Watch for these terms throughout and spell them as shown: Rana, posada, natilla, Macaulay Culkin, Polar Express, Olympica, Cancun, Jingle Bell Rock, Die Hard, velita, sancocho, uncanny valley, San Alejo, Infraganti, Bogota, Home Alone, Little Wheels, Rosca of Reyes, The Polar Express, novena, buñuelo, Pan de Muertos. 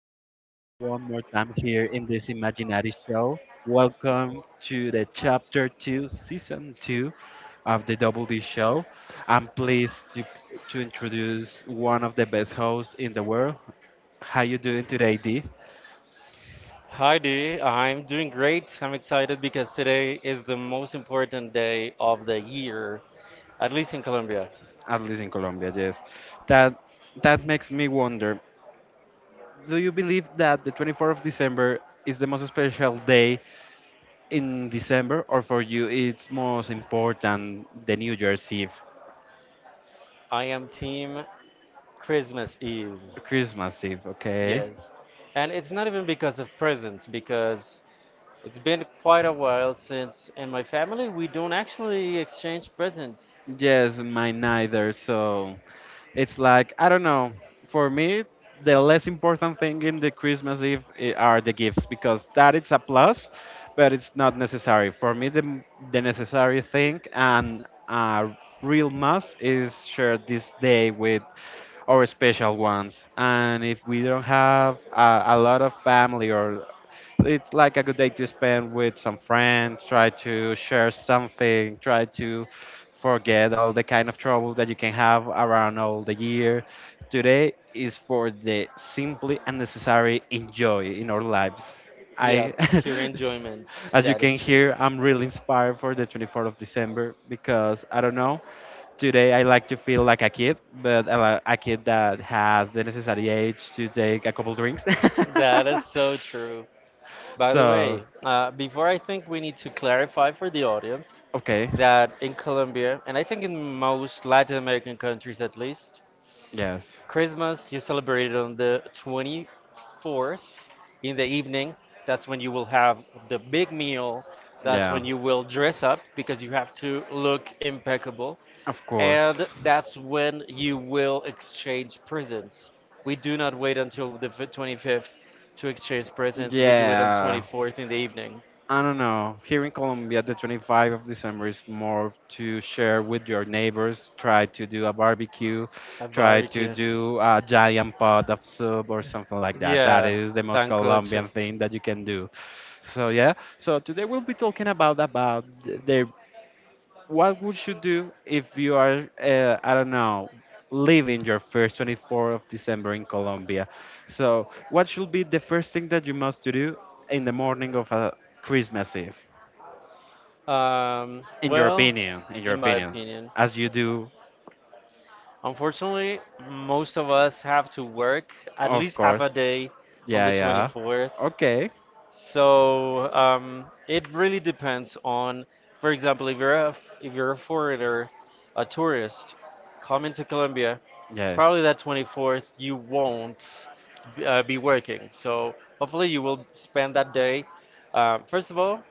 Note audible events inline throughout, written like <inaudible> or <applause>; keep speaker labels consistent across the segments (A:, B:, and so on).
A: much for being one more time here in this Imaginary show. Welcome to the chapter two, season two of the Double D show. I'm pleased to introduce one of the best hosts in the world. How you doing today, D?
B: Hi, D. I'm doing great. I'm excited because today is the most important day of the year, at least in Colombia.
A: At least in Colombia, yes. That that makes me wonder. Do you believe that the 24th of December is the most special day in December, or for you it's most important the New Year's Eve?
B: I am team Christmas Eve.
A: Christmas Eve, okay.
B: Yes. And it's not even because of presents, because it's been quite a while since in my family we don't actually exchange presents.
A: Yes, mine neither. So it's like I don't know. For me, the less important thing in the Christmas Eve are the gifts because that it's a plus, but it's not necessary. For me, the necessary thing and a real must is share this day with our special ones. And if we don't have a lot of family or it's like a good day to spend with some friends, try to share something, try to forget all the kind of trouble that you can have around all the year. Today is for the simply and necessary enjoy in our lives.
B: Yeah,
A: I,
B: pure enjoyment.
A: <laughs> as you
B: That
A: can
B: is true.
A: hear, I'm really inspired for the 24th of December because I don't know. Today I like to feel like a kid, but a kid that has the necessary age to take a couple drinks.
B: That is so true.
A: <laughs>
B: By the
A: so
B: way, before I think we need to clarify for the audience,
A: okay,
B: that in Colombia, and I think in most Latin American countries at least,
A: yes.
B: Christmas you celebrate it on the 24th in the evening. That's when you will have the big meal. That's when you will dress up because you have to look impeccable.
A: Of course.
B: And that's when you will exchange presents. We do not wait until the 25th to exchange presents. We do it on
A: Yeah.
B: 24th in the evening.
A: I don't know. Here in Colombia, the 25th of December is more to share with your neighbors, try to do a barbecue,
B: A
A: try to
B: barbecue.
A: do a giant pot of soup or something like that. That
B: Yeah,
A: is the most Colombian
B: sancocho.
A: thing that you can do. So yeah. So today we'll be talking about the what would you do if you are, I don't know, leaving your first 24th of December in Colombia? So, what should be the first thing that you must to do in the morning of a Christmas Eve? In your
B: Well,
A: opinion, in your
B: in my
A: opinion,
B: opinion,
A: as you do,
B: unfortunately, most of us have to work at
A: of
B: least half
A: course.
B: a day on
A: Yeah,
B: the
A: yeah.
B: 24th.
A: Okay.
B: So it really depends on, for example, if you're a foreigner, a tourist, coming to Colombia,
A: Yes.
B: probably that 24th you won't be working. So hopefully you will spend that day. First of all,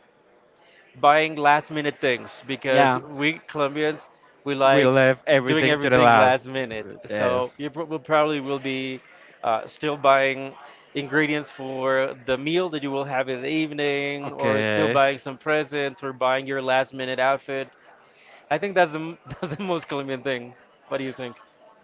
B: buying last minute things because
A: Yeah.
B: we Colombians we
A: We
B: like
A: left
B: doing
A: everything to the
B: everything
A: last.
B: last minute. So
A: Yes.
B: you pr- will probably will be still buying ingredients for the meal that you will have in the evening, or still
A: Okay.
B: buying some presents, or buying your last minute outfit. I think <laughs> that's the most Colombian thing. What do you think?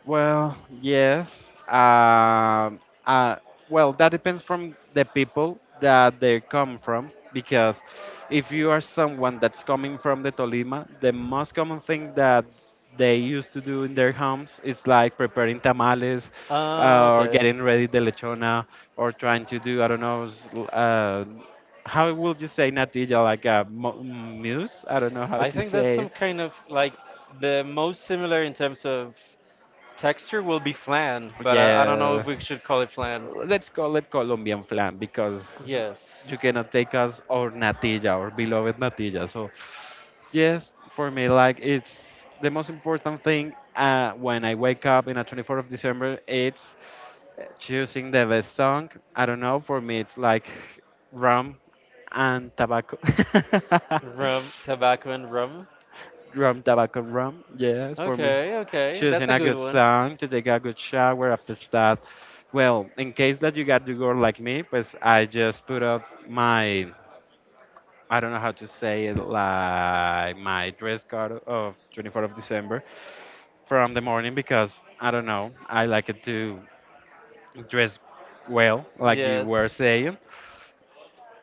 A: Well, yes. Uh, well, that depends from the people that they come from. Because if you are someone that's coming from the Tolima, the most common thing that they used to do in their homes is like preparing tamales,
B: Ah,
A: or
B: okay.
A: getting ready the lechona or trying to do I don't know how would you say natilla like a muse, I don't know how
B: I
A: to
B: think that's some
A: say.
B: kind of like the most similar in terms of texture will be flan, but I don't know if
A: Yeah,
B: we should call it flan.
A: let's call it Colombian flan because
B: Yes.
A: you cannot take us our natilla or beloved natilla. So yes, for me like it's the most important thing, when I wake up in a 24th of December it's, choosing the best song. I don't know, for me, it's like rum and tobacco.
B: Rum,
A: <laughs>
B: tobacco, and rum.
A: rum, tobacco, and rum. Yes, for me.
B: Okay, okay, that's
A: Choosing
B: a
A: a
B: good
A: good
B: one.
A: song to take a good shower after that. Well, in case that you got the girl like me, pues I just put up my, I don't know how to say it, like my dress code of 24th of December from the morning because I don't know. I like it to dress well, like you, yes,
B: Yes,
A: were saying,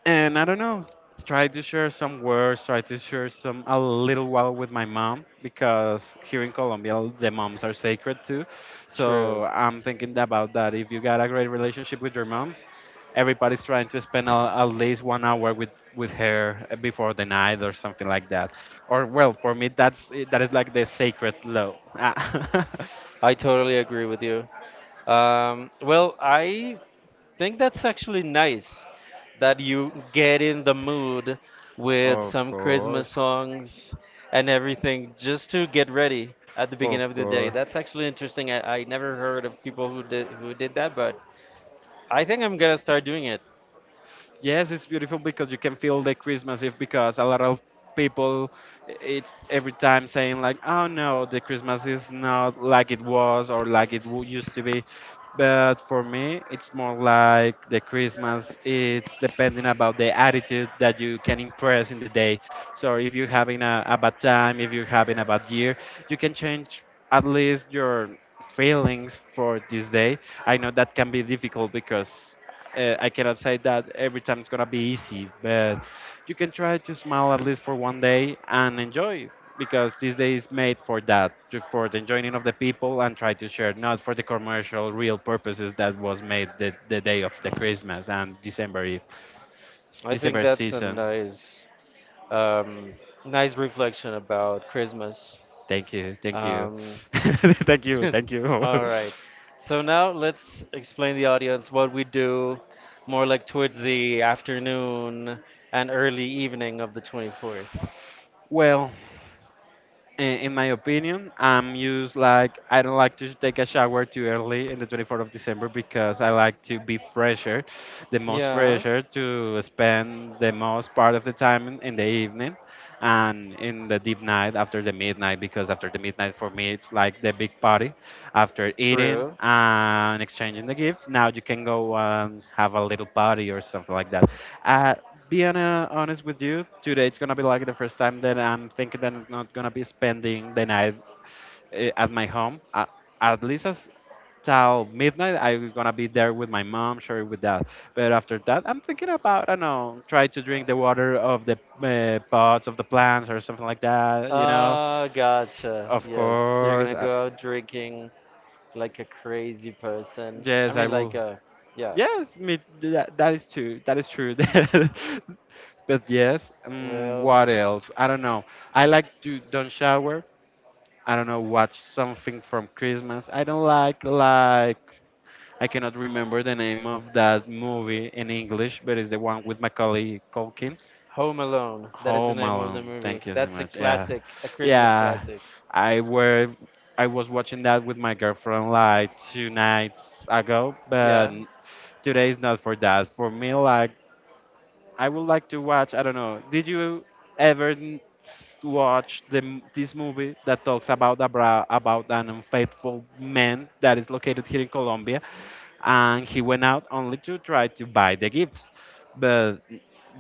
A: and I don't know, try to share some words, try to share some a little while with my mom because here in Colombia the moms are sacred too.
B: true.
A: So I'm thinking about that. If you got a great relationship with your mom, everybody's trying to spend at least 1 hour with her, before the night or something like that. Or well, for me that is like the sacred law. Ah. <laughs>
B: I totally agree with you. Well, I think that's actually nice that you get in the mood with
A: of
B: some Christmas
A: course,
B: songs and everything just to get ready at the beginning
A: of
B: of the day.
A: course.
B: That's actually interesting. I never heard of people who did that, but I think I'm gonna start doing it.
A: Yes, it's beautiful because you can feel the Christmas Eve because a lot of people it's every time saying like, "Oh no, the Christmas is not like it was or like it used to be." But for me, it's more like the Christmas. It's depending about the attitude that you can impress in the day. So if you're having a bad time, if you're having a bad year, you can change at least your feelings for this day. I know that can be difficult because, I cannot say that every time it's gonna be easy, but you can try to smile at least for 1 day and enjoy because this day is made for that, for the enjoying of the people and try to share, not for the commercial real purposes that was made the day of the Christmas and December Eve,
B: I think
A: December
B: that's a
A: season.
B: nice um, nice reflection about Christmas.
A: Thank you,
B: Um,
A: <laughs> thank
B: <laughs>
A: you, thank you.
B: All right. So now let's explain the audience what we do more like towards the afternoon and early evening of the 24th.
A: <laughs> well, in my opinion, I'm used like I don't like to take a shower too early in the 24th of December because I like to be fresher, the most
B: Yeah,
A: fresher to spend the most part of the time in the evening and in the deep night after the midnight because after the midnight for me it's like the big party after eating
B: true.
A: and exchanging the gifts. Now you can go and have a little party or something like that. Uh, being uh, honest with you, today it's gonna be like the first time that I'm thinking that I'm not gonna be spending the night, at my home. At least as till midnight, I'm gonna be there with my mom, sure with that. But after that, I'm thinking about I don't know, try to drink the water of the pots of the plants or something like that. You know,
B: Ah, gotcha.
A: of
B: Yes, you're
A: course.
B: gonna go out drinking like a crazy person. I
A: Yes, I
B: mean, like
A: will.
B: a, yeah.
A: Yes, me, that, that is true. That is true. <laughs> But yes,
B: Well,
A: what else? I don't know. I like to don't shower. I don't know, watch something from Christmas. I don't like I cannot remember the name of that movie in English, but it's the one with Macaulay Culkin.
B: Home Alone. That is the
A: Home
B: name of the
A: Alone.
B: movie.
A: Thank you so
B: That's a
A: much. Yeah,
B: classic, a Christmas
A: yeah.
B: classic.
A: I were I was watching that with my girlfriend like two nights ago, but
B: Yeah.
A: today is not for that. For me, like I would like to watch. I don't know. Did you ever watch this movie that talks about about an unfaithful man that is located here in Colombia, and he went out only to try to buy the gifts? But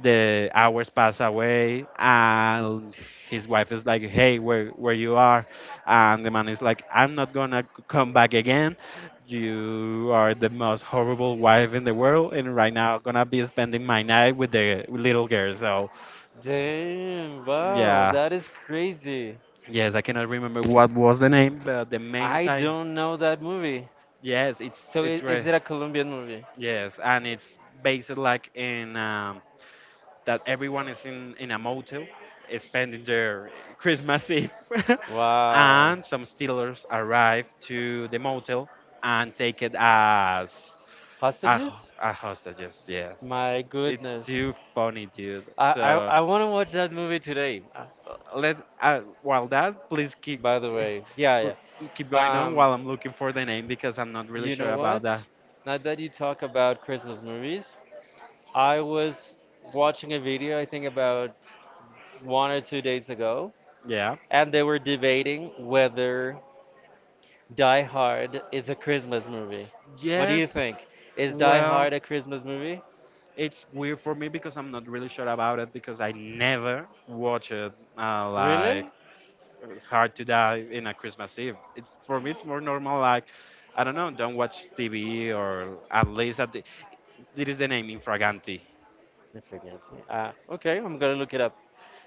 A: the hours pass away, and his wife is like, "Hey, where you are?" And the man is like, "I'm not gonna come back again. You are the most horrible wife in the world, and right now I'm gonna be spending my night with the little girl." So
B: Damn, wow,
A: yeah,
B: that is crazy.
A: yes, I cannot remember what was the name, but the main
B: I
A: side.
B: don't know that movie.
A: Yes, it's
B: So
A: it's
B: i- is
A: re-
B: it a Colombian movie?
A: yes, and it's based like in. That everyone is in a motel, spending their Christmas Eve. <laughs>
B: Wow.
A: and some stealers arrive to the motel and take it as
B: Hostages?
A: a hostages, yes. Yes.
B: My
A: It's
B: goodness.
A: too funny, dude.
B: I I,
A: So
B: I want to watch that movie today.
A: let while that, please
B: By the way,
A: pl-
B: yeah, yeah.
A: keep going on
B: Um,
A: while I'm looking for the name because I'm not really
B: you know
A: sure about
B: what?
A: that.
B: Now that you talk about Christmas movies, I was watching a video, I think about 1 or 2 days ago,
A: Yeah.
B: and they were debating whether Die Hard is a Christmas movie. What do you
A: Yes.
B: think? Is Die
A: Well,
B: Hard a Christmas movie?
A: it's weird for me because I'm not really sure about it because I never watch it, like
B: Really?
A: Hard to Die in a Christmas Eve. It's, for me it's more normal like I don't know, don't watch TV or at least at the, it is the name Infraganti.
B: I forget. Ah, okay, I'm gonna look it up.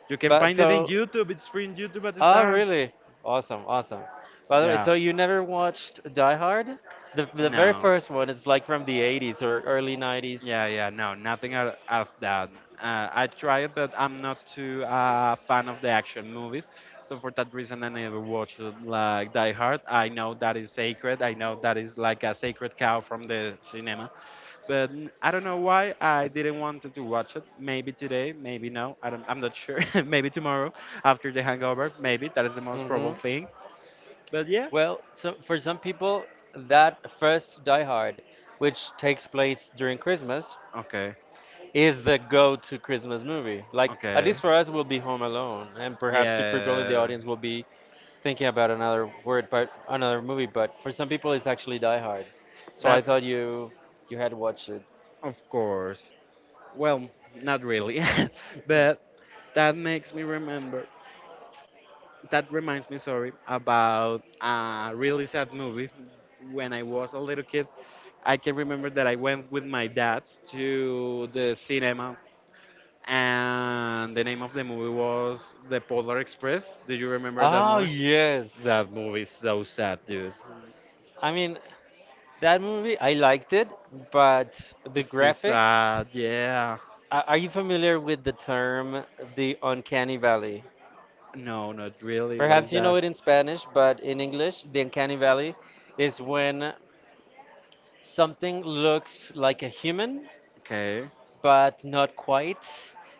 A: You can
B: But
A: find it in
B: so,
A: YouTube. It's free in YouTube at this
B: oh
A: time.
B: really? Awesome, awesome. By the way,
A: Yeah.
B: so you never watched like, Die Hard? The very
A: No.
B: first one is like from the '80s or early '90s.
A: Yeah, yeah, no, nothing out of that. I tried, but I'm not too fan of the action movies. So for that reason, I never watched like Die Hard. I know that is sacred. I know that is like a sacred cow from the cinema. But I don't know why I
B: Like,
A: didn't want to watch it. Maybe today, maybe no. I'm not sure. <laughs> maybe tomorrow after the hangover. Maybe that is the most probable
B: mm-hmm.
A: thing. But yeah,
B: Well, so for some people, that first Die Hard, which takes place during Christmas,
A: okay,
B: is the go-to Christmas movie. Like, at
A: okay,
B: least for us, will be Home Alone, and perhaps if people in the
A: yeah.
B: audience will be thinking about another word, but another movie. But for some people, it's actually Die Hard. So I
A: That's,
B: thought you had watched it.
A: of course. Well, not really, <laughs> but that makes me remember. That reminds me, sorry, about a really sad movie. When I was a little kid, I can remember that I went with my dad to the cinema, and the name of the movie was The Polar Express. Do you remember that
B: Oh
A: movie?
B: yes.
A: That movie is so sad, dude.
B: I mean, that movie, I liked it, but the
A: It's too
B: graphics.
A: sad. Yeah.
B: Are you familiar with the term the uncanny valley?
A: No, not really. What is
B: Perhaps you
A: that?
B: know it in Spanish, but in English, the uncanny valley is when something looks like a human,
A: Okay,
B: but not quite.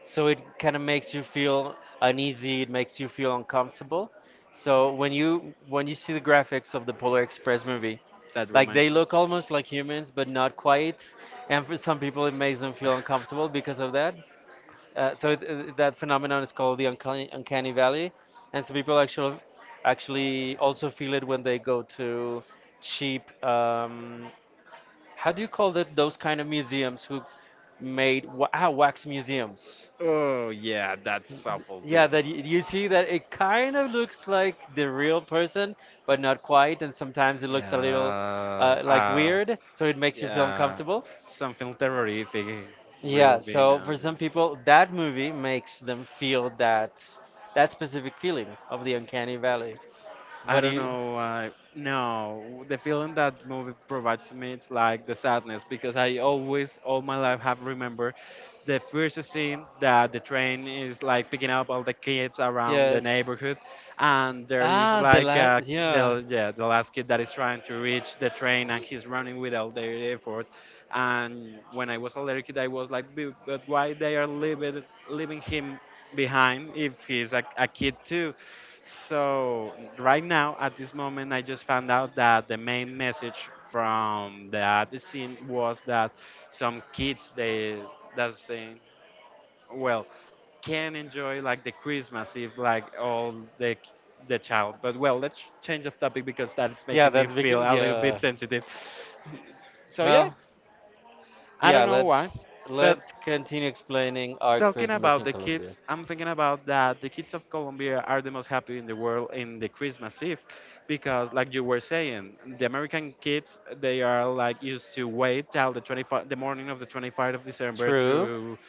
B: So it kind of makes you feel uneasy, it makes you feel uncomfortable. So when you see the graphics of the Polar Express movie,
A: that
B: like
A: reminds
B: they
A: me.
B: look almost like humans but not quite, and for some people it makes them feel uncomfortable
A: <laughs>
B: because of that. So that phenomenon is called the uncanny valley, and some people actually also feel it when they go to cheap how do you call that? Those kind of museums who made wax museums?
A: Oh yeah, that's awful,
B: Yeah,
A: dude.
B: that you see that it kind of looks like the real person, but not quite, and sometimes it looks a little
A: Yeah, <laughs>
B: like
A: uh,
B: weird, so it makes you feel
A: yeah,
B: uncomfortable.
A: something terrific, yeah,
B: Yeah,
A: will be
B: so
A: now.
B: for some
A: No.
B: people, that movie makes them feel that specific feeling of the uncanny valley.
A: I
B: What do
A: don't
B: you?
A: know. No, the feeling that movie provides to me it's like the sadness because I always, all my life, have remembered the first scene that the train is like picking up all the kids around the neighborhood, and there is like
B: Yeah.
A: the yeah the last kid that is trying to reach the train and he's running with all their effort. And when I was a little kid, I was like, " but why they are leaving leaving him behind if he's a kid too? So right now, at this moment, I just found out that the main message from that scene was that some kids they that's saying, well, can enjoy like the Christmas if like all the child. But well, let's change of topic because that is yeah, making me feel a little bit
B: Big.
A: sensitive. So yeah,
B: Well,
A: I
B: yeah.
A: don't know why,
B: Let's
A: but
B: let's continue explaining our
A: talking
B: Christmas
A: about
B: in
A: the
B: Colombia.
A: kids, I'm thinking about that the kids of Colombia are the most happy in the world in the Christmas Eve because like you were saying, the American kids they are like used to wait till the 25 the morning of the 25th of December
B: True.
A: to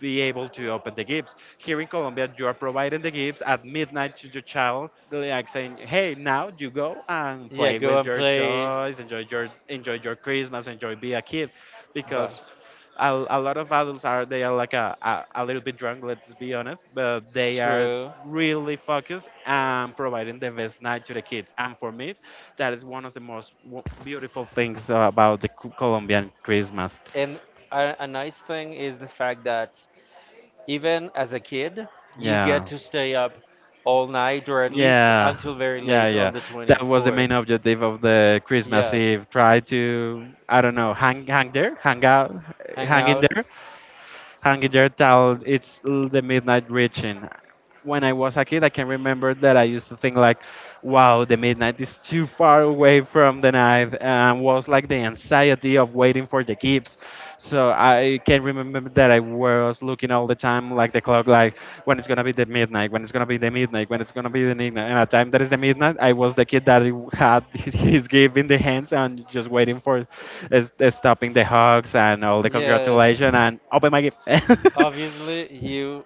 A: be able to open the gifts. Here in Colombia, you are providing the gifts at midnight to your child, like saying, "Hey, now you go and
B: Yeah,
A: play
B: go
A: with
B: and
A: your
B: play.
A: toys, enjoy your Christmas, enjoy be a kid,"
B: But
A: because a lot of adults are they are like a little bit drunk, let's be honest, but they are
B: true.
A: really focused and providing the best night to the kids. And for me, that is one of the most beautiful things about the Colombian Christmas.
B: And a nice thing is the fact that even as a kid, you get
A: Yeah,
B: to stay up all night or at least yeah,
A: yeah,
B: until very
A: yeah,
B: late on
A: yeah,
B: the
A: that was the
B: 24th.
A: main objective of the Christmas
B: Yeah.
A: Eve. Try to, I don't know, hang there, hang out,
B: Hang
A: hang in
B: out.
A: there, hanging your towel. The midnight reaching. When I was a kid, I can remember that I used to think like, "Wow, the midnight is too far away from the night," and was like the anxiety of waiting for the gifts. So I can remember that I was looking all the time like the clock, like when it's gonna be the midnight, when it's gonna be the midnight, when it's gonna be the midnight. And at the time that is the midnight, I was the kid that he had <laughs> his gift in the hands and just waiting for is stopping the hugs and all the
B: Yes.
A: congratulations and open my gift. <laughs> Yeah.
B: Obviously, you.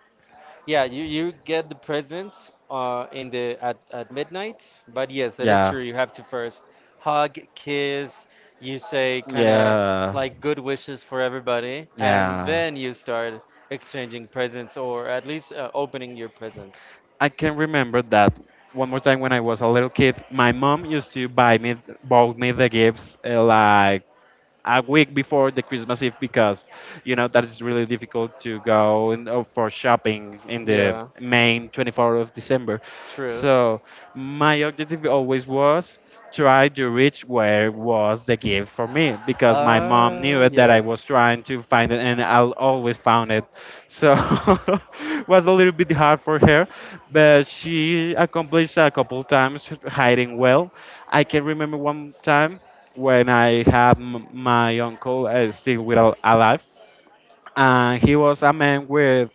B: Yeah, you get the presents in the at midnight, but yes, it is
A: Yeah.
B: true. You have to first hug, kiss, you say kind of like good wishes for everybody, and
A: Yeah.
B: then you start exchanging presents or at least opening your presents.
A: I can remember that one more time when I was a little kid. My mom used to buy me, bought me the gifts like a week before the Christmas Eve because you know that is really difficult to go and for shopping in the
B: Yeah,
A: main 24th of December.
B: true.
A: So my objective always was try to reach where was the gift for me because my mom knew it that I
B: Yeah.
A: was trying to find it and I always found it. So <laughs> it was a little bit hard for her, but she accomplished a couple times hiding well. I can remember one time when I had my uncle still without alive, and he was a man with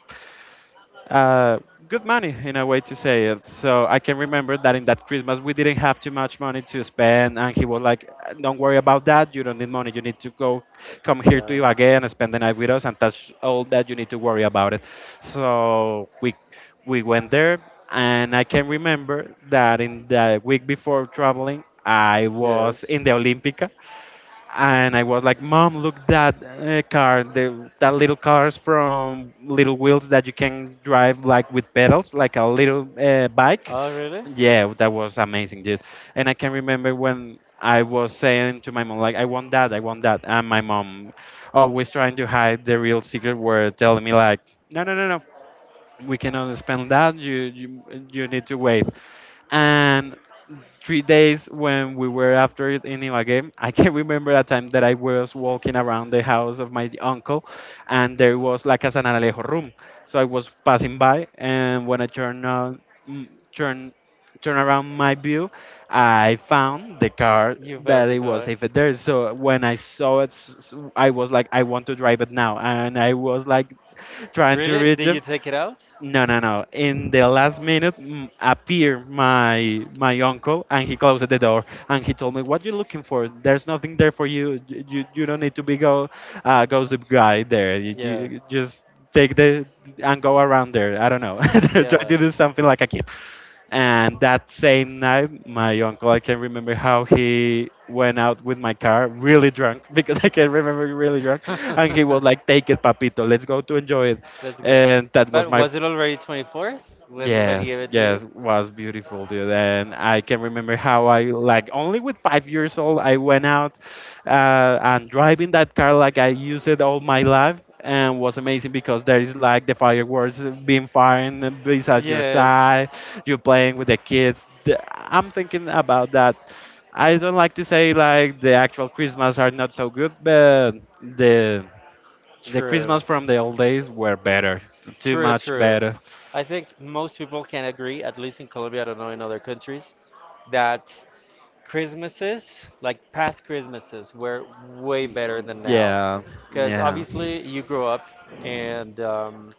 A: uh, good money in a way to say it. So I can remember that in that Christmas we didn't have too much money to spend, and he was like, "Don't worry about that. You don't need money. You need to go, come here to
B: Yeah.
A: Ibagué and spend the night with us, and that's all that you need to worry about it." So we went there, and I can remember that in the week before traveling. I was in the Olympica and I was like, "Mom, look that car, that little cars from Little Wheels that you can drive like with pedals, like a little bike."
B: Oh, really?
A: Yeah, that was amazing, dude. And I can remember when I was saying to my mom, like, I want that," and my mom always trying to hide the real secret, were telling me like, "No, no, no, no." We cannot spend that. You you need to wait. And 3 days when we were after it in Ibagué, I can remember a time that I was walking around the house of my uncle, and there was like a San Alejo room. So I was passing by, and when I turned on, mm, turn turn around my view, I found the car
B: You found
A: that it was
B: the
A: saved there. So when I saw it, I was like, I want to drive it now, and I was like trying to reach him.
B: you take it out?
A: No, no, no. In the last minute appeared my uncle and he closed the door and he told me, "What you looking for? There's nothing there for you. You don't need to be go gossip guy there.
B: Yeah. <laughs>
A: You
B: Trying.
A: just take the and go around there. I don't know. <laughs> Try to do
B: <laughs>
A: something like a kid." And that same night, my uncle, I can remember how he went out with my car really drunk <laughs> because I can remember really drunk.
B: <laughs>
A: And he was like,
B: <laughs>
A: take it, Papito, let's go to enjoy it. And that was my.
B: It already 24th when, yeah, when he gave
A: Yes,
B: it to
A: yes,
B: you?
A: was beautiful, dude. And I can remember how I, like, only with 5 years old, I went out and driving that car like I used it all my life and was amazing because there is like the fireworks being fired beside your
B: Yes,
A: side you're playing with the kids. I'm thinking about that. I don't like to say like the actual Christmas are not so good, but the the
B: true.
A: Christmas from the old days were better, too
B: True,
A: much
B: true.
A: better.
B: I think most people can agree, at least in Colombia, I don't know in other countries, that Christmases, like past Christmases, were way better than now.
A: Yeah,
B: Because
A: yeah,
B: obviously you grow up and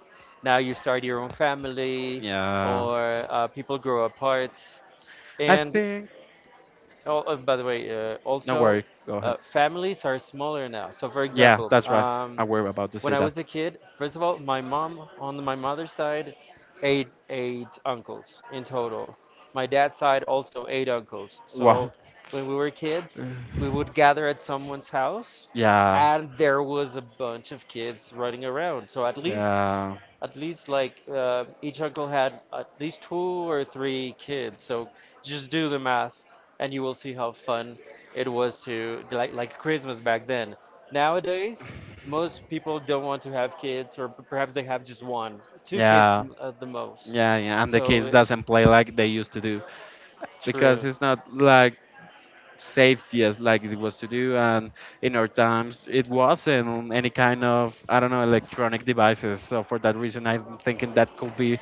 B: now you start your own family
A: yeah.
B: or people grow apart.
A: I
B: And
A: think.
B: oh, by the way,
A: No
B: also,
A: worry. Go ahead.
B: families are smaller now. So, for
A: Yeah,
B: example,
A: that's right. I were about to
B: when
A: say
B: I
A: that.
B: was a kid, first of all, my mom on my mother's side, eight uncles in total. My dad's side also eight uncles.
A: Wow.
B: So, when we were kids,
A: <laughs>
B: we would gather at someone's house,
A: Yeah.
B: and there was a bunch of kids running around. So at least
A: Yeah,
B: at least like each uncle had at least two or three kids. So just do the math, and you will see how fun it was to like Christmas back then. Nowadays, most people don't want to have kids, or perhaps they have just one, two kids
A: yeah,
B: m- at the most.
A: yeah, yeah. And the
B: So
A: kids
B: it,
A: doesn't play like they used to do because
B: true.
A: it's not like safe yes like it was to do and in our times it wasn't any kind of, I don't know, electronic devices. So for that reason, I'm thinking that could be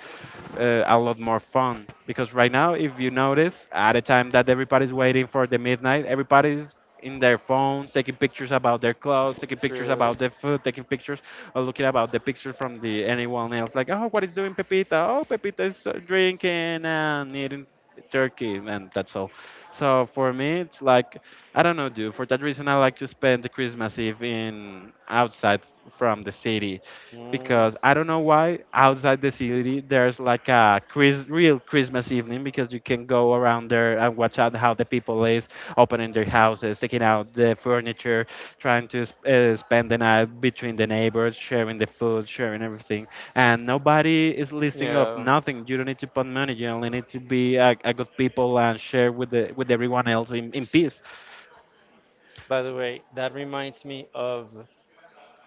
A: a lot more fun because right now if you notice at a time that everybody's waiting for the midnight, everybody's in their phones taking pictures about their clothes, taking pictures
B: True.
A: about their food, taking pictures or looking about the pictures from the anyone else, like, oh, what is doing Pepita, oh Pepita is drinking and eating turkey and that's all. So for me it's like, I don't know, dude, for that reason I like to spend the Christmas Eve in outside from the city
B: Mm.
A: because I don't know why outside the city there's like a real Christmas evening because you can go around there and watch out how the people is opening their houses, taking out the furniture, trying to spend the night between the neighbors, sharing the food, sharing everything, and nobody is listening of
B: Yeah.
A: nothing. You don't need to put money. You only need to be a good people and share with the with everyone else in peace.
B: By the way, that reminds me of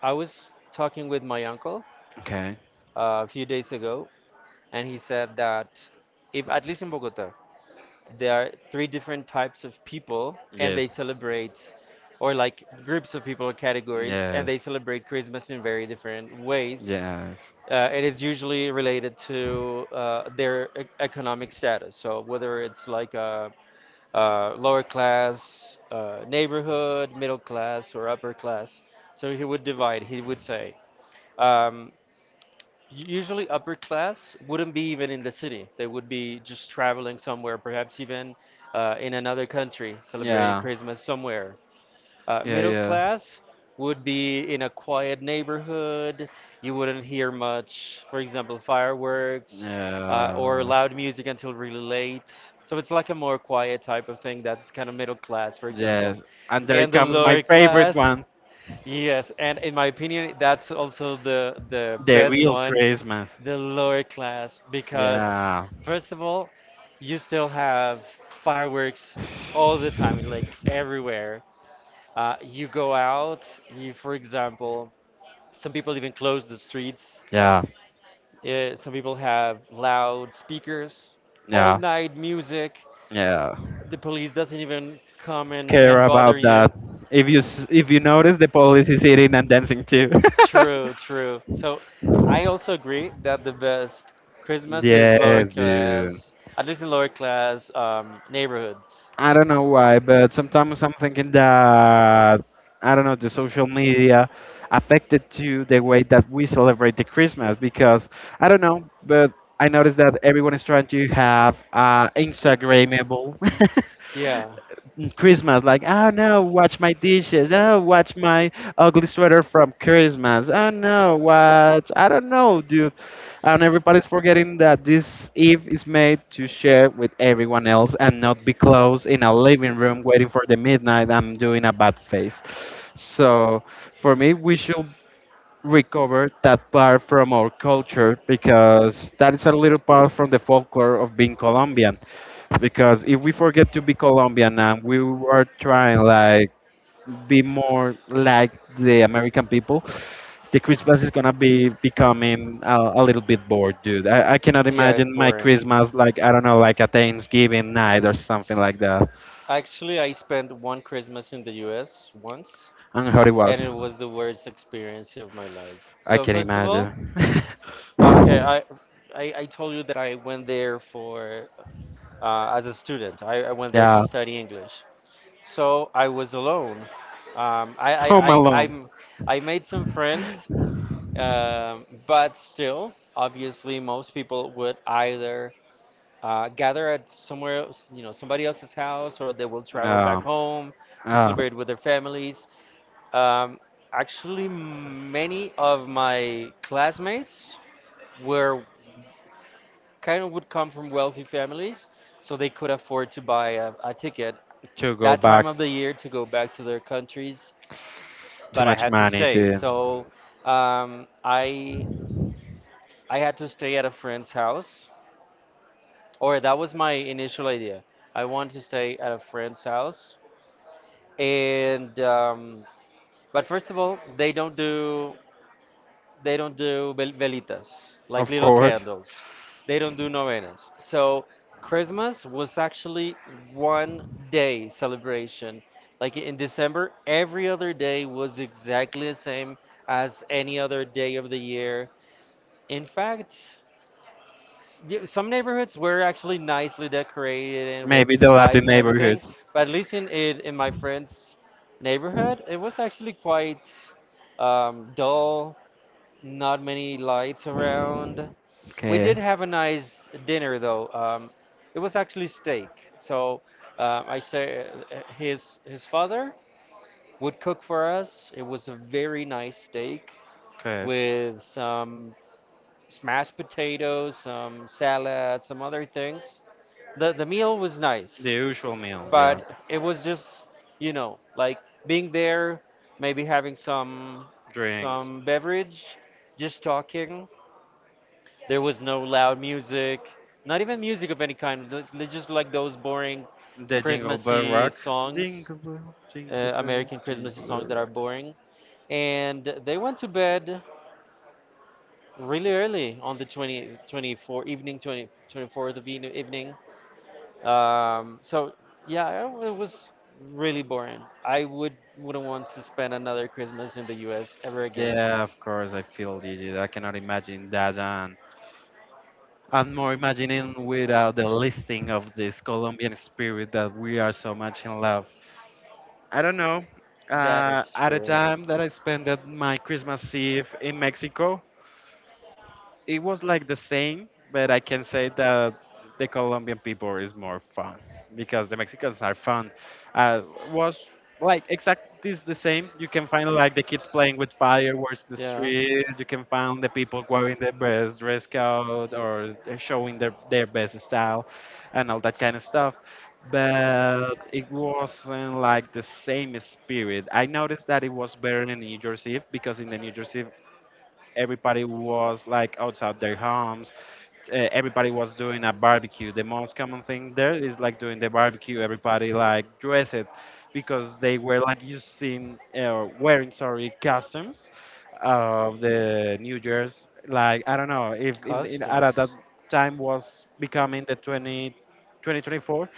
B: I was talking with my uncle
A: Okay.
B: a few days ago, and he said that if, at least in Bogota, there are three different types of people, and they
A: Yes.
B: celebrate, or like groups of people or categories, and
A: Yes.
B: they celebrate Christmas in very different ways.
A: Yes.
B: It is usually related to their economic status. So whether it's like a lower class neighborhood, middle class, or upper class. So he would divide. He would say. Um, Usually upper class wouldn't be even in the city. They would be just traveling somewhere, perhaps even in another country, celebrating
A: Yeah.
B: Christmas somewhere.
A: Yeah,
B: Middle
A: yeah.
B: class would be in a quiet neighborhood. You wouldn't hear much, for example, fireworks or
A: Yeah.
B: loud music until really late. So it's like a more quiet type of thing. That's kind of middle class, for example.
A: Yes. And there
B: And the
A: comes my
B: lower
A: favorite
B: class.
A: one,
B: Yes, and in my opinion, that's also the
A: the
B: best
A: real
B: one,
A: Christmas.
B: the lower class, because
A: Yeah.
B: first of all, you still have fireworks all the time, like everywhere. You go out, you, for example, some people even close the streets.
A: Yeah.
B: Some people have loud speakers, all
A: Yeah.
B: night music.
A: Yeah.
B: The police doesn't even come and,
A: Care
B: and
A: about
B: bother
A: that.
B: you.
A: If you if you notice, the police is eating and dancing too.
B: True, true. So I also agree that the best
A: <laughs>
B: Christmas is lower
A: Yes, dude.
B: class, at least in lower class neighborhoods.
A: I don't know why, but sometimes I'm thinking that, I don't know, the social media affected to the way that we celebrate the Christmas because I don't know, but I noticed that everyone is trying to have Instagramable <laughs>
B: Yeah,
A: Christmas, like, oh no, watch my dishes. Oh, watch my ugly sweater from Christmas. Oh no, watch. I don't know, dude. And everybody's forgetting that this Eve is made to share with everyone else and not be closed in a living room waiting for the midnight. I'm doing a bad face. So for me, we should recover that part from our culture because that is a little part from the folklore of being Colombian. Because if we forget to be Colombian and we are trying like be more like the American people, the Christmas is gonna be becoming a little bit bored, dude. I cannot
B: yeah, it's
A: imagine my
B: boring.
A: Christmas like, I don't know, like a Thanksgiving night or something like that.
B: Actually, I spent one Christmas in the US once,
A: And how it
B: and
A: was,
B: it was the worst experience of my life.
A: I
B: So
A: can
B: first of all,
A: imagine.
B: okay,
A: <laughs>
B: I told you that I went there for as a student. I went there to
A: Yeah.
B: study English. So I was alone. Um, I, I,
A: Home
B: I,
A: Alone.
B: I'm, I made some friends, but still, obviously, most people would either gather at somewhere, else, somebody else's house, or they will travel
A: Uh,
B: back home to
A: uh,
B: celebrate with their families. Um, Actually, many of my classmates were kind of would come from wealthy families, so they could afford to buy a ticket
A: to go
B: that
A: back,
B: time of the year to go back to their countries
A: too
B: but I
A: much
B: had to
A: money
B: stay.
A: to,
B: So um, I I had to stay at a friend's house, or that was my initial idea. I wanted to stay at a friend's house, and but first of all, they don't do velitas, like
A: of
B: little
A: course,
B: candles. They don't do novenas. So Christmas was actually 1 day celebration. Like in December, every other day was exactly the same as any other day of the year. In fact, some neighborhoods were actually nicely decorated and with
A: maybe the Latin
B: lights and everything,
A: neighborhoods.
B: but at least in my friend's neighborhood, it was actually quite dull. Not many lights around. We did
A: Okay.
B: have a nice dinner though. It was actually steak. So I say his father would cook for us. It was a very nice steak
A: Okay.
B: with some smashed potatoes, some salad, some other things. The meal was
A: The
B: nice,
A: usual meal,
B: but
A: yeah.
B: it was just, like being there, maybe having
A: Drinks.
B: some beverage, just talking. There was no loud music, not even music of any kind, just like those boring
A: The Jingle Bell
B: Christmassy
A: Rock.
B: songs,
A: Jingle Bell, Jingle Bell,
B: American Christmassy
A: Jingle
B: songs that
A: Bell
B: are
A: Rock.
B: boring. And they went to bed really early on the 2024 evening, 20, 24th of evening, so yeah, it was really boring. I would wouldn't want to spend another Christmas in the US ever again.
A: Yeah, of course, I feel dizzy. I cannot imagine that I'm more imagining without the listing of this Colombian spirit that we are so much in love. I don't know.
B: That is
A: At a
B: true.
A: time that I spent at my Christmas Eve in Mexico, it was like the same, but I can say that the Colombian people is more fun because the Mexicans are fun. Uh, was like exact this the same. You can find like the kids playing with fireworks in the
B: Yeah.
A: street. You can find the people wearing their best dress code, or they're showing their best style, and all that kind of stuff. But it wasn't like the same spirit. I noticed that it was better in New Year's Eve, because in the New Year's Eve everybody was like outside their homes. Everybody was doing a barbecue. The most common thing there is like doing the barbecue. Everybody like dressed, because they were like using wearing, sorry, costumes of the New Year's. Like, I don't know if in at that
B: Costumes.
A: time was becoming the 20, 2024,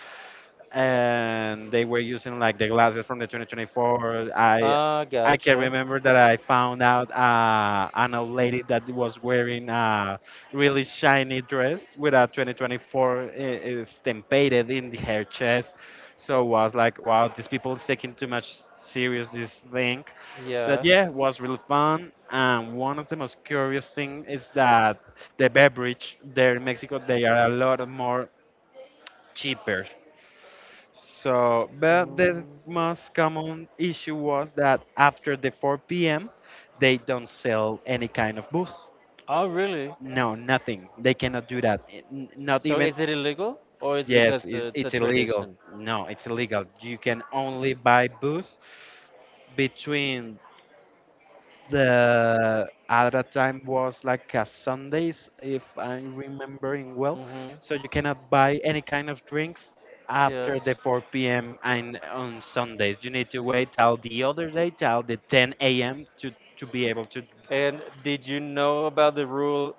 A: and they were using like the glasses from the 2024. I
B: Ah,
A: I can
B: gotcha.
A: remember that I found out an old lady that was wearing a really shiny dress with a 2024 stampeded in her chest. So I was like, wow, these people is taking too much serious this thing. But
B: Yeah.
A: yeah, it was really fun. And one of the most curious thing is that the beverage there in Mexico, they are a lot more cheaper, so, but the
B: Mm.
A: most common issue was that after the 4 p.m., they don't sell any kind of booze.
B: Oh, really?
A: No, nothing. They cannot do that. Not
B: So
A: even,
B: is it illegal, or it's
A: yes,
B: because
A: it's,
B: it's a
A: it's illegal.
B: tradition?
A: No, it's illegal. You can only buy booze between the, at that time was like a Sundays, if I'm remembering well.
B: Mm-hmm.
A: So you cannot buy any kind of drinks
B: Yes.
A: after the 4 p.m. and on Sundays. You need to wait till the other day, till the 10 a.m. To be able to.
B: And did you know about the rule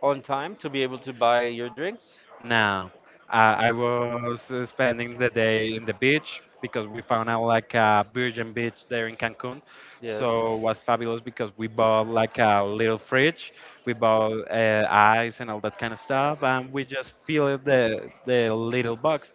B: on time to be able to buy your drinks?
A: No, I was spending the day in the beach because we found out like a virgin beach there in Cancun. So it
B: Yes.
A: was fabulous because we bought like a little fridge, we bought ice and all that kind of stuff, and we just filled the little box.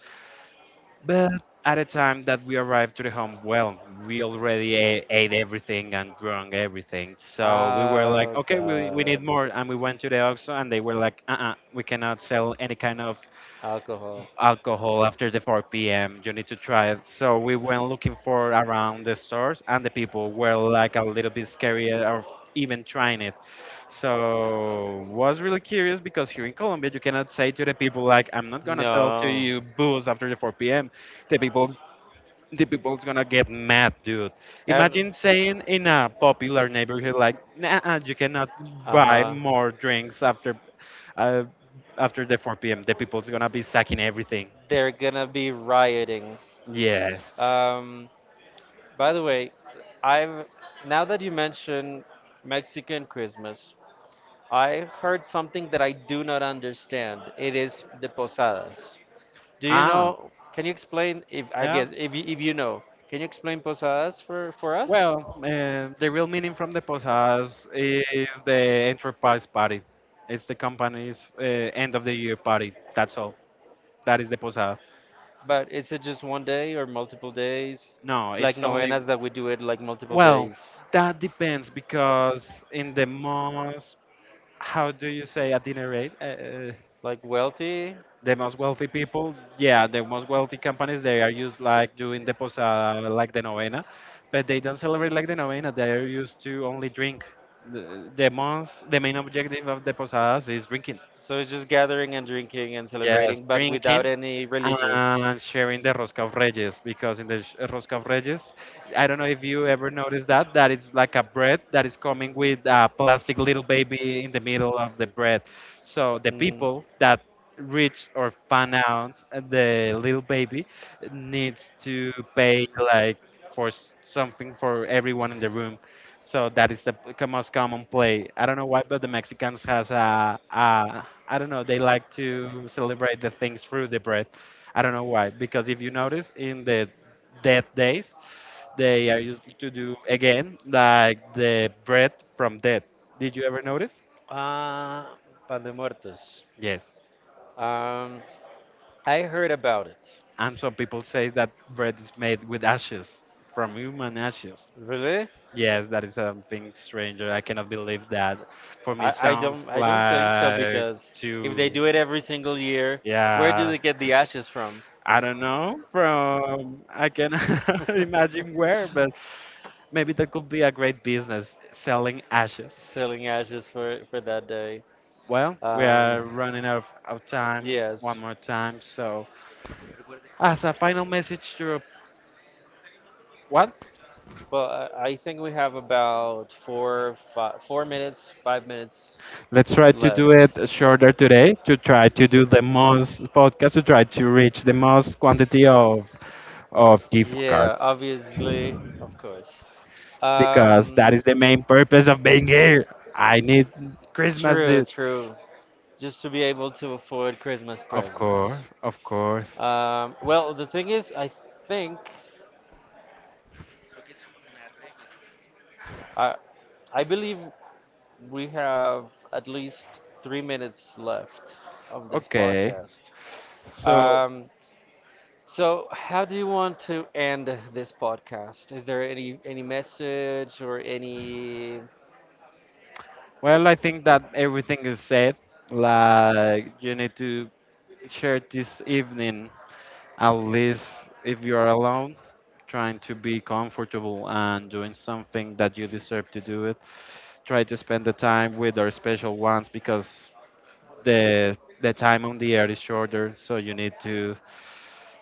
A: But at the time that we arrived to the home, well, we already ate everything and drunk everything. So we were like,
B: Oh
A: okay, we need
B: God,
A: more. And we went to the auction and they were like, uh-uh, we cannot sell any kind of
B: alcohol.
A: alcohol after the 4 p.m. You need to try it. So we went looking for around the stores, and the people were like a little bit scary of even trying it. So was really curious because here in Colombia, you cannot say to the people like, "I'm not gonna sell to
B: No.
A: you booze after the 4 p.m." The people. The people's gonna get mad, dude.
B: And
A: Imagine saying in a popular neighborhood like, "Nah, you cannot
B: uh
A: buy
B: huh.
A: more drinks after, uh, after the 4 p.m." The people's gonna be sacking everything.
B: They're gonna be rioting.
A: Yes.
B: Um, by the way, I've now that you mention Mexican Christmas, I heard something that I do not understand. It is the posadas. Do you
A: Ah,
B: know? Can you explain? If I
A: yeah.
B: guess if you know, can you explain posadas for
A: Well,
B: us?
A: the real meaning from the posadas is the enterprise party. It's the company's end of the year party. That's all. That is the posada.
B: But is it just 1 day or multiple days?
A: No,
B: Like
A: it's only.
B: novenas that we do it like multiple
A: Well,
B: days.
A: that depends because in the most, how do you say, itinerary?
B: Like wealthy?
A: The most wealthy people, yeah, the most wealthy companies, they are used like doing the posada, like the novena, but they don't celebrate like the novena. They are used to only drink. The most, the main objective of the posadas is drinking.
B: So it's just gathering and drinking and
A: Yes,
B: celebrating, but
A: drinking
B: without any religious.
A: and sharing the Rosca of Reyes, because in the Rosca of Reyes, I don't know if you ever noticed that, that it's like a bread that is coming with a plastic little baby in the middle of the bread. So the
B: Mm,
A: people that reach or find out the little baby needs to pay like for something for everyone in the room, so that is the most common play. I don't know why, but the Mexicans has a, I don't know. They like to celebrate the things through the breath. I don't know why, because if you notice in the death days, they are
B: mhm.
A: used to do again like the bread from death. Did you ever notice?
B: Ah, Pan de Muertos.
A: Yes.
B: Um, I heard about it.
A: And some people say that bread is made with ashes, from human ashes.
B: Really?
A: Yes, that is something stranger. I cannot believe that. For me, sounds
B: I don't think so
A: like
B: because if they
A: too.
B: do it every single year, where do
A: Yeah,
B: they get the ashes from?
A: I don't know from. I can <laughs> imagine where,
B: <laughs>
A: but maybe that could be a great business selling ashes.
B: Selling ashes for that day.
A: Well, we
B: Um,
A: are running out of time one
B: yes.
A: more time, so as a final message to, what?
B: Well, I think we have about 4 minutes, 5 minutes
A: Let's try to do
B: left.
A: it shorter today to try to do the most podcast to try to reach the most quantity of gift
B: Yeah,
A: cards
B: obviously, of course.
A: because that
B: Um,
A: is the main purpose of being here. I need Christmas,
B: true,
A: dude.
B: true. Just to be able to afford Christmas
A: Of course,
B: presents.
A: of course.
B: Well, the thing is, I think I, I believe we have at least 3 minutes left of this
A: Okay.
B: podcast.
A: So,
B: Um, so, how do you want to end this podcast? Is there any message or any?
A: well, I think that everything is said. Like, you need to share this evening, at least if you're alone, trying to be comfortable and doing something that you deserve to do it. Try to spend the time with our special ones because the the time on the air is shorter, so you need to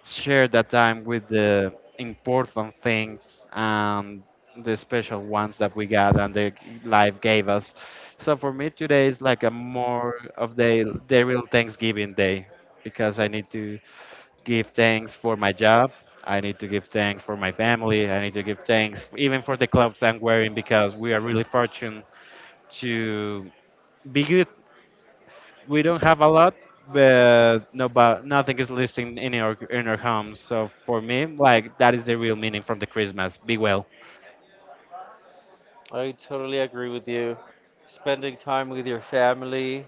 A: share that time with the important things and the special ones that we got and the life gave us. So for me today is like a more of the real Thanksgiving day, because I need to give thanks for my job. I need to give thanks for my family. I need to give thanks even for the clothes I'm wearing, because we are really fortunate to be good, we don't have a lot, but no, but nothing is listing in our homes. So for me, like that is the real meaning from the Christmas. Be well.
B: I totally agree with you. Spending time with your family,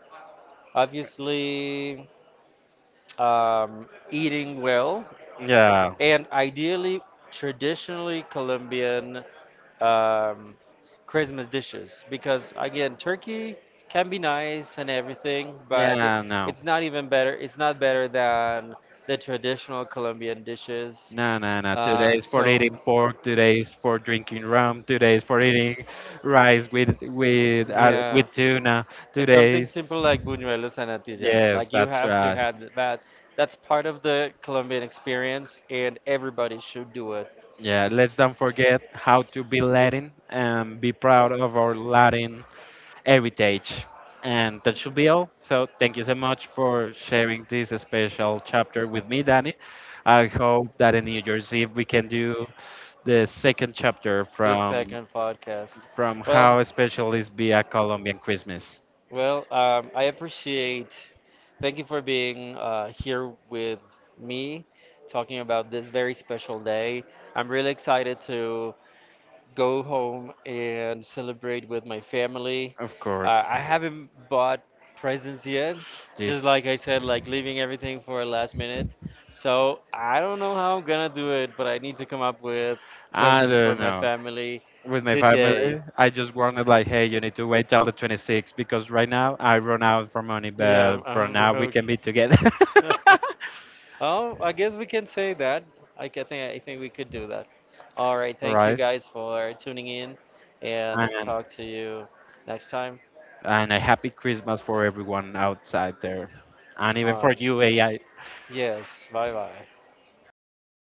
B: obviously, eating well,
A: Yeah.
B: and ideally, traditionally Colombian um, Christmas dishes. Because again, turkey can be nice and everything, but
A: Yeah, no.
B: it's not even better. It's not better than the traditional Colombian dishes.
A: No, no, no. Today is for
B: So,
A: eating pork. Today is for drinking rum. Today is for eating rice with
B: yeah.
A: with tuna.
B: And
A: Today
B: something
A: is,
B: simple like buñuelos and natilla,
A: yes,
B: like you
A: that's
B: have to
A: right.
B: have that. That's part of the Colombian experience, and everybody should do it.
A: Yeah, let's don't forget how to be Latin and be proud of our Latin heritage. And that should be all. So thank you so much for sharing this special chapter with me, Danny. I hope that in New Year's Eve we can do the second chapter
B: The second podcast.
A: from
B: Well,
A: how special is be a Colombian Christmas.
B: well, I appreciate. Thank you for being here with me, talking about this very special day. I'm really excited to go home and celebrate with my family.
A: Of course,
B: I haven't bought presents yet, just
A: this
B: like I said, like leaving everything for last minute. So I don't know how I'm gonna do it, but I need to come up with
A: I
B: presents for
A: don't
B: my
A: know.
B: family
A: With my
B: today.
A: family, I just wanted like, hey, you need to wait till the 26th because right now I run out for money,
B: Yeah,
A: but for
B: I'm
A: now we
B: broke.
A: can be together.
B: <laughs>
A: <laughs>
B: Oh, I guess we can say that. I think we could do that. All right, thank you
A: Right?
B: guys for tuning in, and
A: And
B: talk to you next time.
A: and a happy Christmas for everyone outside there, and even
B: All
A: for
B: right.
A: you, AI.
B: Yes, bye bye.